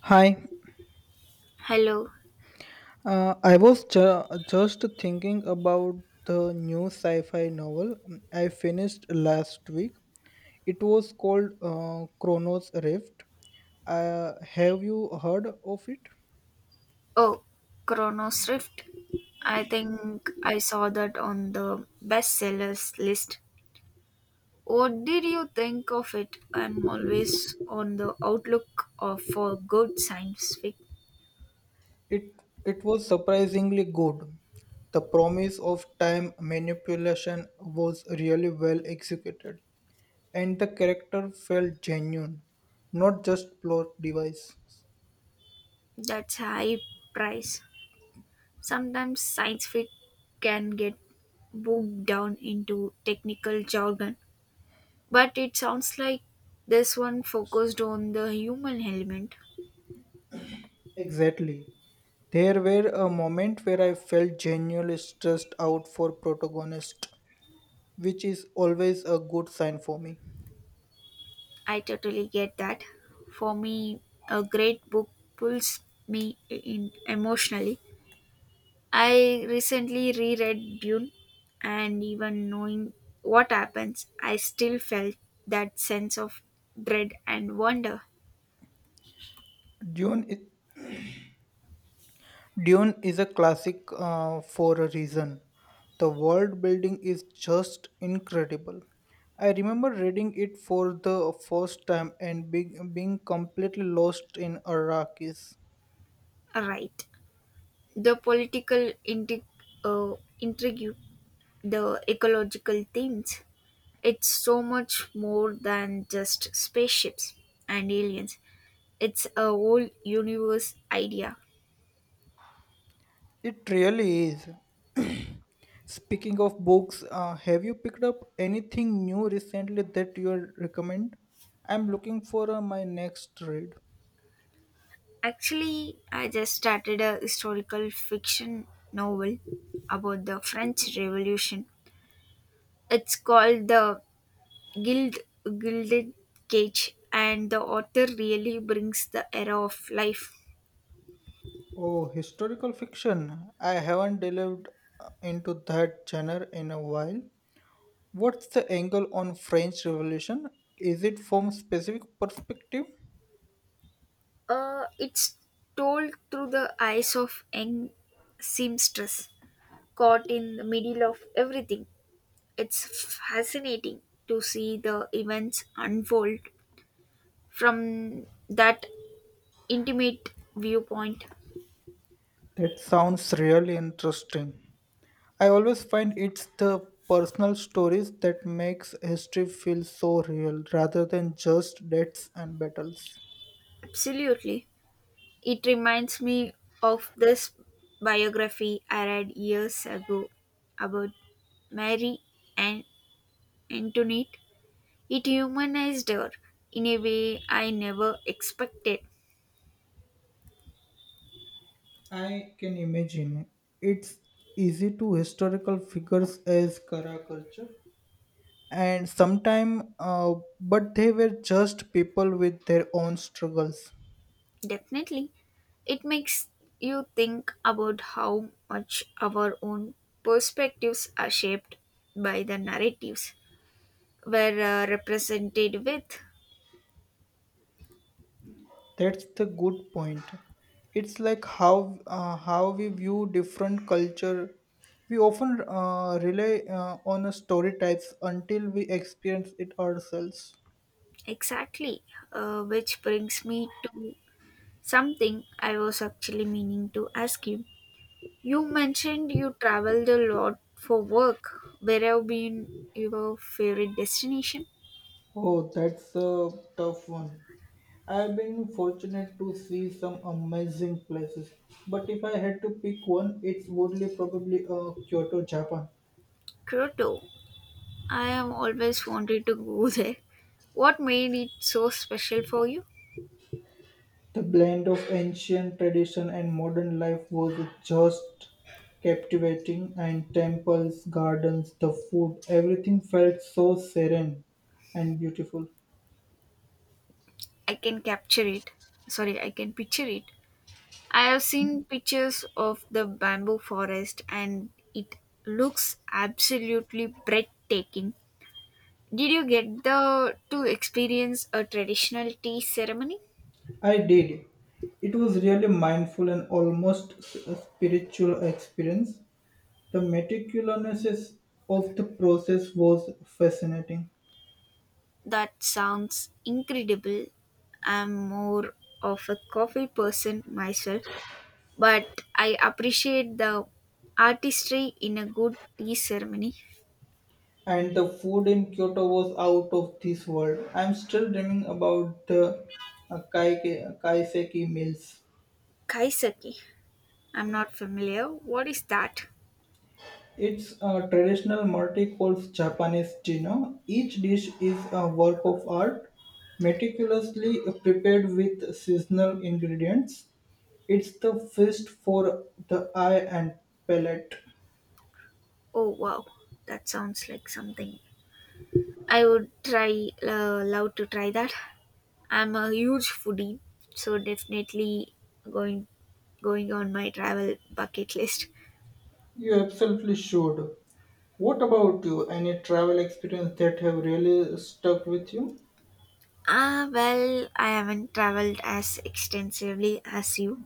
Hi. Hello. I was just thinking about the new sci fi novel I finished last week. It was called Chronos Rift. Have you heard of it? Oh, Chronos Rift. I think I saw that on the bestsellers list. What did you think of it? I'm always on the outlook of for good science fic. It It was surprisingly good. The promise of time manipulation was really well executed, and the character felt genuine, not just plot device. That's high price. Sometimes science fic can get bogged down into technical jargon, but it sounds like this one focused on the human element. Exactly. There were a moment where I felt genuinely stressed out for protagonist, which is always a good sign for me. I totally get that. For me, a great book pulls me in emotionally. I recently reread Dune, and even knowing what happens, I still felt that sense of dread and wonder. Dune is, Dune is a classic, for a reason. The world building is just incredible. I remember reading it for the first time and being completely lost in Arrakis. Right. The political intrigue, uh, intrigue, the ecological themes, it's so much more than just spaceships and aliens. It's a whole universe idea. It really is. Speaking of books, have you picked up anything new recently that you recommend? I'm looking for my next read. Actually, I just started a historical fiction novel about the French Revolution. It's called The Guild Gilded Cage, and the author really brings the era of life. Oh, historical fiction. I haven't delved into that genre in a while. What's the angle on French Revolution? Is it from specific perspective? It's told through the eyes of young seamstress caught in the middle of everything. It's fascinating to see the events unfold from that intimate viewpoint. That sounds really interesting. I always find it's the personal stories that makes history feel so real rather than just dates and battles. Absolutely. It reminds me of this biography I read years ago about Mary and Antoinette. It humanized her in a way I never expected. I can imagine. It's easy to historical figures as Karakarcha and sometime but they were just people with their own struggles. Definitely, it makes you think about how much our own perspectives are shaped by the narratives we're represented with. That's the good point. It's like how we view different culture. We often rely on a story types until we experience it ourselves. Exactly, which brings me to something I was actually meaning to ask you. You mentioned you traveled a lot for work. Where have been your favorite destination? Oh, that's a tough one. I've been fortunate to see some amazing places, but if I had to pick one, it's would probably Kyoto, Japan. Kyoto. I have always wanted to go there. What made it so special for you? The blend of ancient tradition and modern life was just captivating, and temples, gardens, the food, everything felt so serene and beautiful. I can capture it. Sorry, I can picture it. I have seen pictures of the bamboo forest and it looks absolutely breathtaking. Did you get the to experience a traditional tea ceremony? I did. It was really mindful and almost a spiritual experience. The meticulousness of the process was fascinating, That sounds incredible. I'm more of a coffee person myself, but I appreciate the artistry in a good tea ceremony. and the food in Kyoto was out of this world. I'm still dreaming about the kaiseki meals. Kaisaki. I'm not familiar. What is that? It's a traditional multi-course Japanese dinner. Each dish is a work of art, meticulously prepared with seasonal ingredients. It's the feast for the eye and palate. Oh wow, that sounds like something. I would try love to try that. I'm a huge foodie, so definitely going going on my travel bucket list. You absolutely should. What about you? Any travel experience that have really stuck with you? Ah, well, I haven't traveled as extensively as you,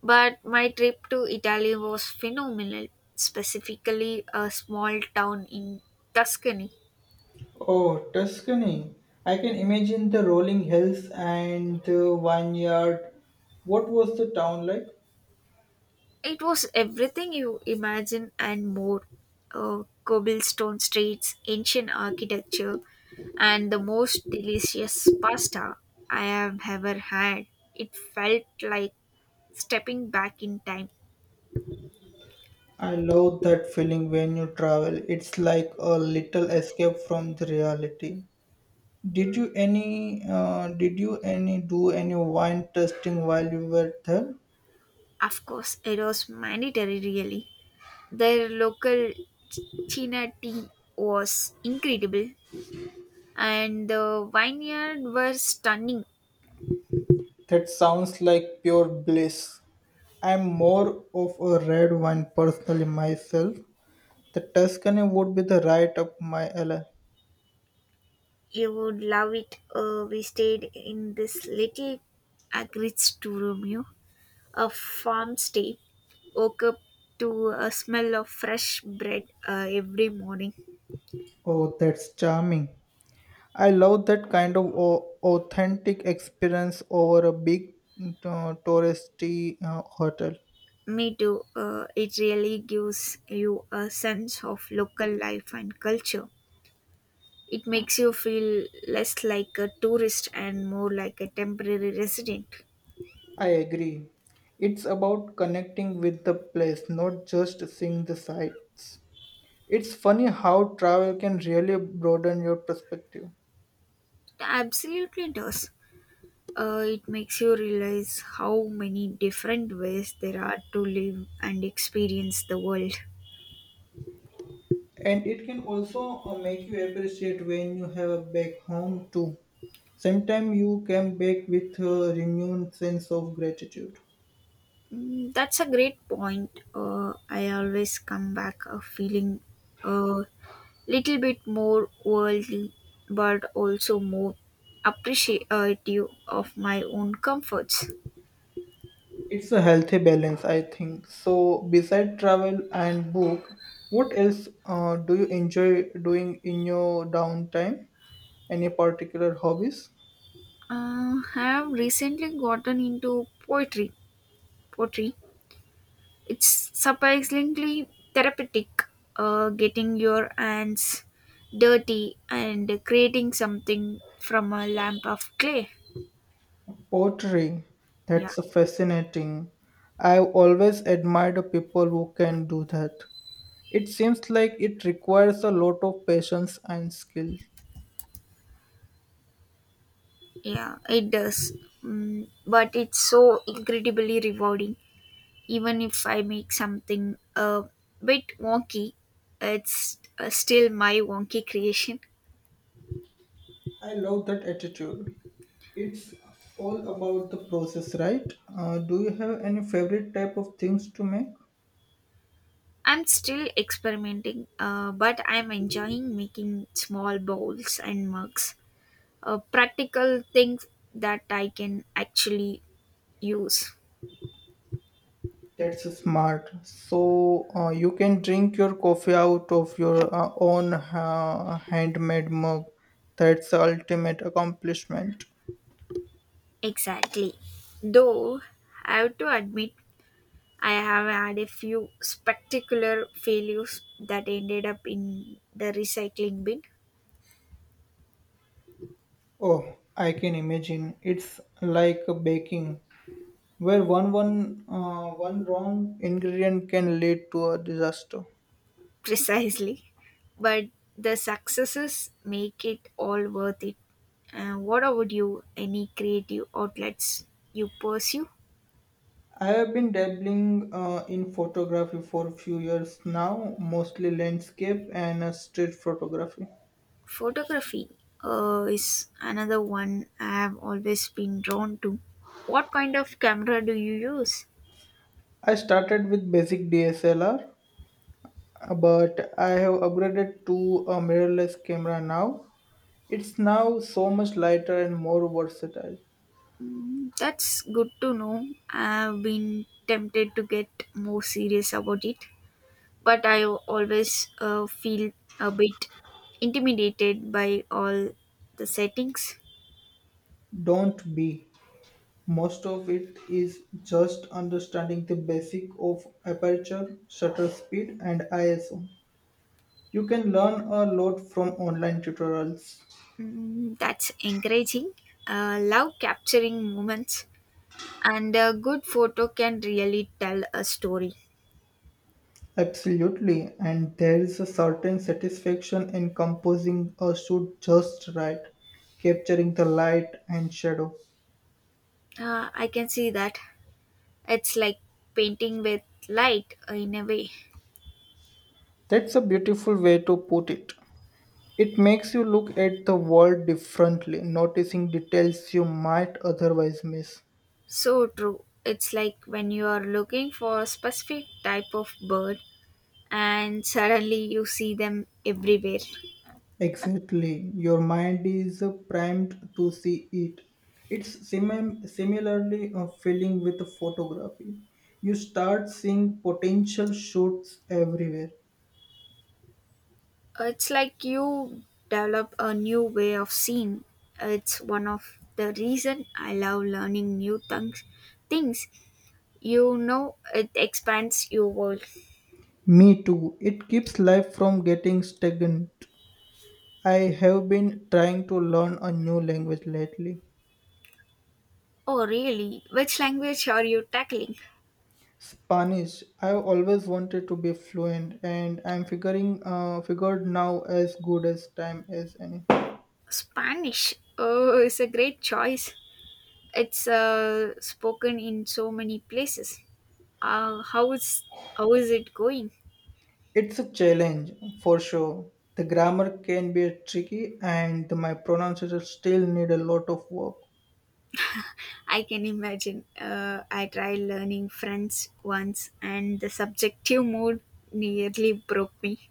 but my trip to Italy was phenomenal, specifically a small town in Tuscany. Oh, Tuscany. I can imagine the rolling hills and the vineyard. What was the town like? It was everything you imagine and more. Cobblestone streets, ancient architecture, and the most delicious pasta I have ever had. It felt like stepping back in time. I love that feeling when you travel. It's like a little escape from the reality. Did you any do any wine tasting while you were there? Of course, it was mandatory, really. Their local China tea was incredible, and the vineyard were stunning. That sounds like pure bliss. I'm more of a red wine personally myself. The Tuscany would be the right up my alley. You would love it. We stayed in this little acreage to Romeo, a farm stay. Woke up to a smell of fresh bread every morning. Oh, that's charming. I love that kind of authentic experience over a big, touristy, hotel. Me too. It really gives you a sense of local life and culture. It makes you feel less like a tourist and more like a temporary resident. I agree. It's about connecting with the place, not just seeing the sights. It's funny how travel can really broaden your perspective. It absolutely does. It makes you realize how many different ways there are to live and experience the world. And it can also, make you appreciate when you have a back home too. Sometimes you come back with a renewed sense of gratitude. Mm, that's a great point. I always come back feeling a little bit more worldly, but also more appreciative of my own comforts. It's a healthy balance, I think. So beside travel and book, what else do you enjoy doing in your downtime? Any particular hobbies? I have recently gotten into poetry. Poetry. It's surprisingly therapeutic, getting your hands dirty and creating something from a lump of clay. Pottery. Yeah, That's fascinating. I've always admired people who can do that. It seems like it requires a lot of patience and skill. yeah, it does. Mm, but it's so incredibly rewarding. Even if I make something a bit wonky, it's still my wonky creation. I love that attitude. It's all about the process, right? Do you have any favorite type of things to make? I'm still experimenting, but I'm enjoying making small bowls and mugs. Practical things that I can actually use. That's smart. So you can drink your coffee out of your own handmade mug. That's the ultimate accomplishment. Exactly. Though I have to admit, I have had a few spectacular failures that ended up in the recycling bin. Oh, I can imagine. It's like baking, where one wrong ingredient can lead to a disaster. Precisely. But the successes make it all worth it. What about you? Any creative outlets you pursue? I have been dabbling in photography for a few years now, mostly landscape and street photography. Photography is another one I have always been drawn to. What kind of camera do you use? I started with basic DSLR, but I have upgraded to a mirrorless camera now. It's now so much lighter and more versatile. Mm, that's good to know. I've been tempted to get more serious about it, but I always feel a bit intimidated by all the settings. Don't be. Most of it is just understanding the basic of aperture, shutter speed and ISO. You can learn a lot from online tutorials. Mm, that's encouraging. Love capturing moments, and a good photo can really tell a story. Absolutely, and there is a certain satisfaction in composing a shoot just right, capturing the light and shadow. I can see that. It's like painting with light in a way. That's a beautiful way to put it. It makes you look at the world differently, noticing details you might otherwise miss. So true. It's like when you are looking for a specific type of bird and suddenly you see them everywhere. Exactly. Your mind is primed to see it. It's similarly filling with photography. You start seeing potential shoots everywhere. It's like you develop a new way of seeing. It's one of the reason I love learning new things. Things you know, it expands your world. Me too. It keeps life from getting stagnant. I have been trying to learn a new language lately. Oh, really? Which language are you tackling? Spanish. I've always wanted to be fluent, and I'm figuring figured now as good as time as any. Spanish. Oh, it's a great choice. It's spoken in so many places. Uh, how is how is it going? It's a challenge for sure. The grammar can be tricky and my pronunciation still need a lot of work. I can imagine. I tried learning French once, and the subjective mode nearly broke me.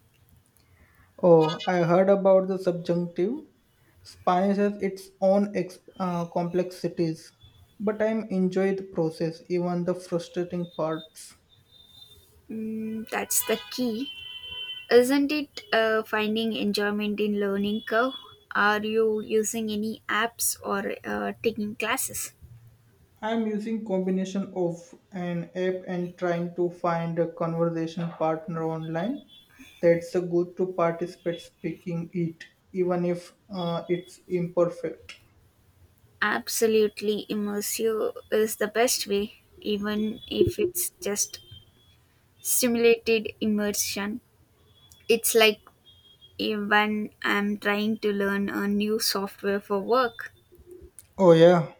Oh, I heard about the subjunctive. Spanish has its own complexities, but I'm enjoy the process, even the frustrating parts. Mm, that's the key, isn't it? Finding enjoyment in learning curve. Are you using any apps or taking classes? I'm using combination of an app and trying to find a conversation partner online. That's a good to participate speaking it, even if it's imperfect. Absolutely, immersive is the best way, even if it's just simulated immersion. It's like when I'm trying to learn a new software for work, Oh yeah.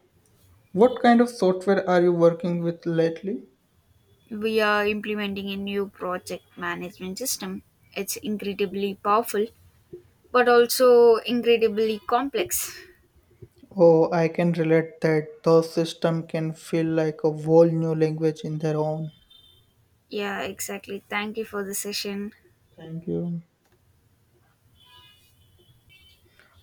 What kind of software are you working with lately? we are implementing a new project management system. It's incredibly powerful, but also incredibly complex. Oh, I can relate that those system can feel like a whole new language in their own. Yeah, exactly. Thank you for the session. Thank you.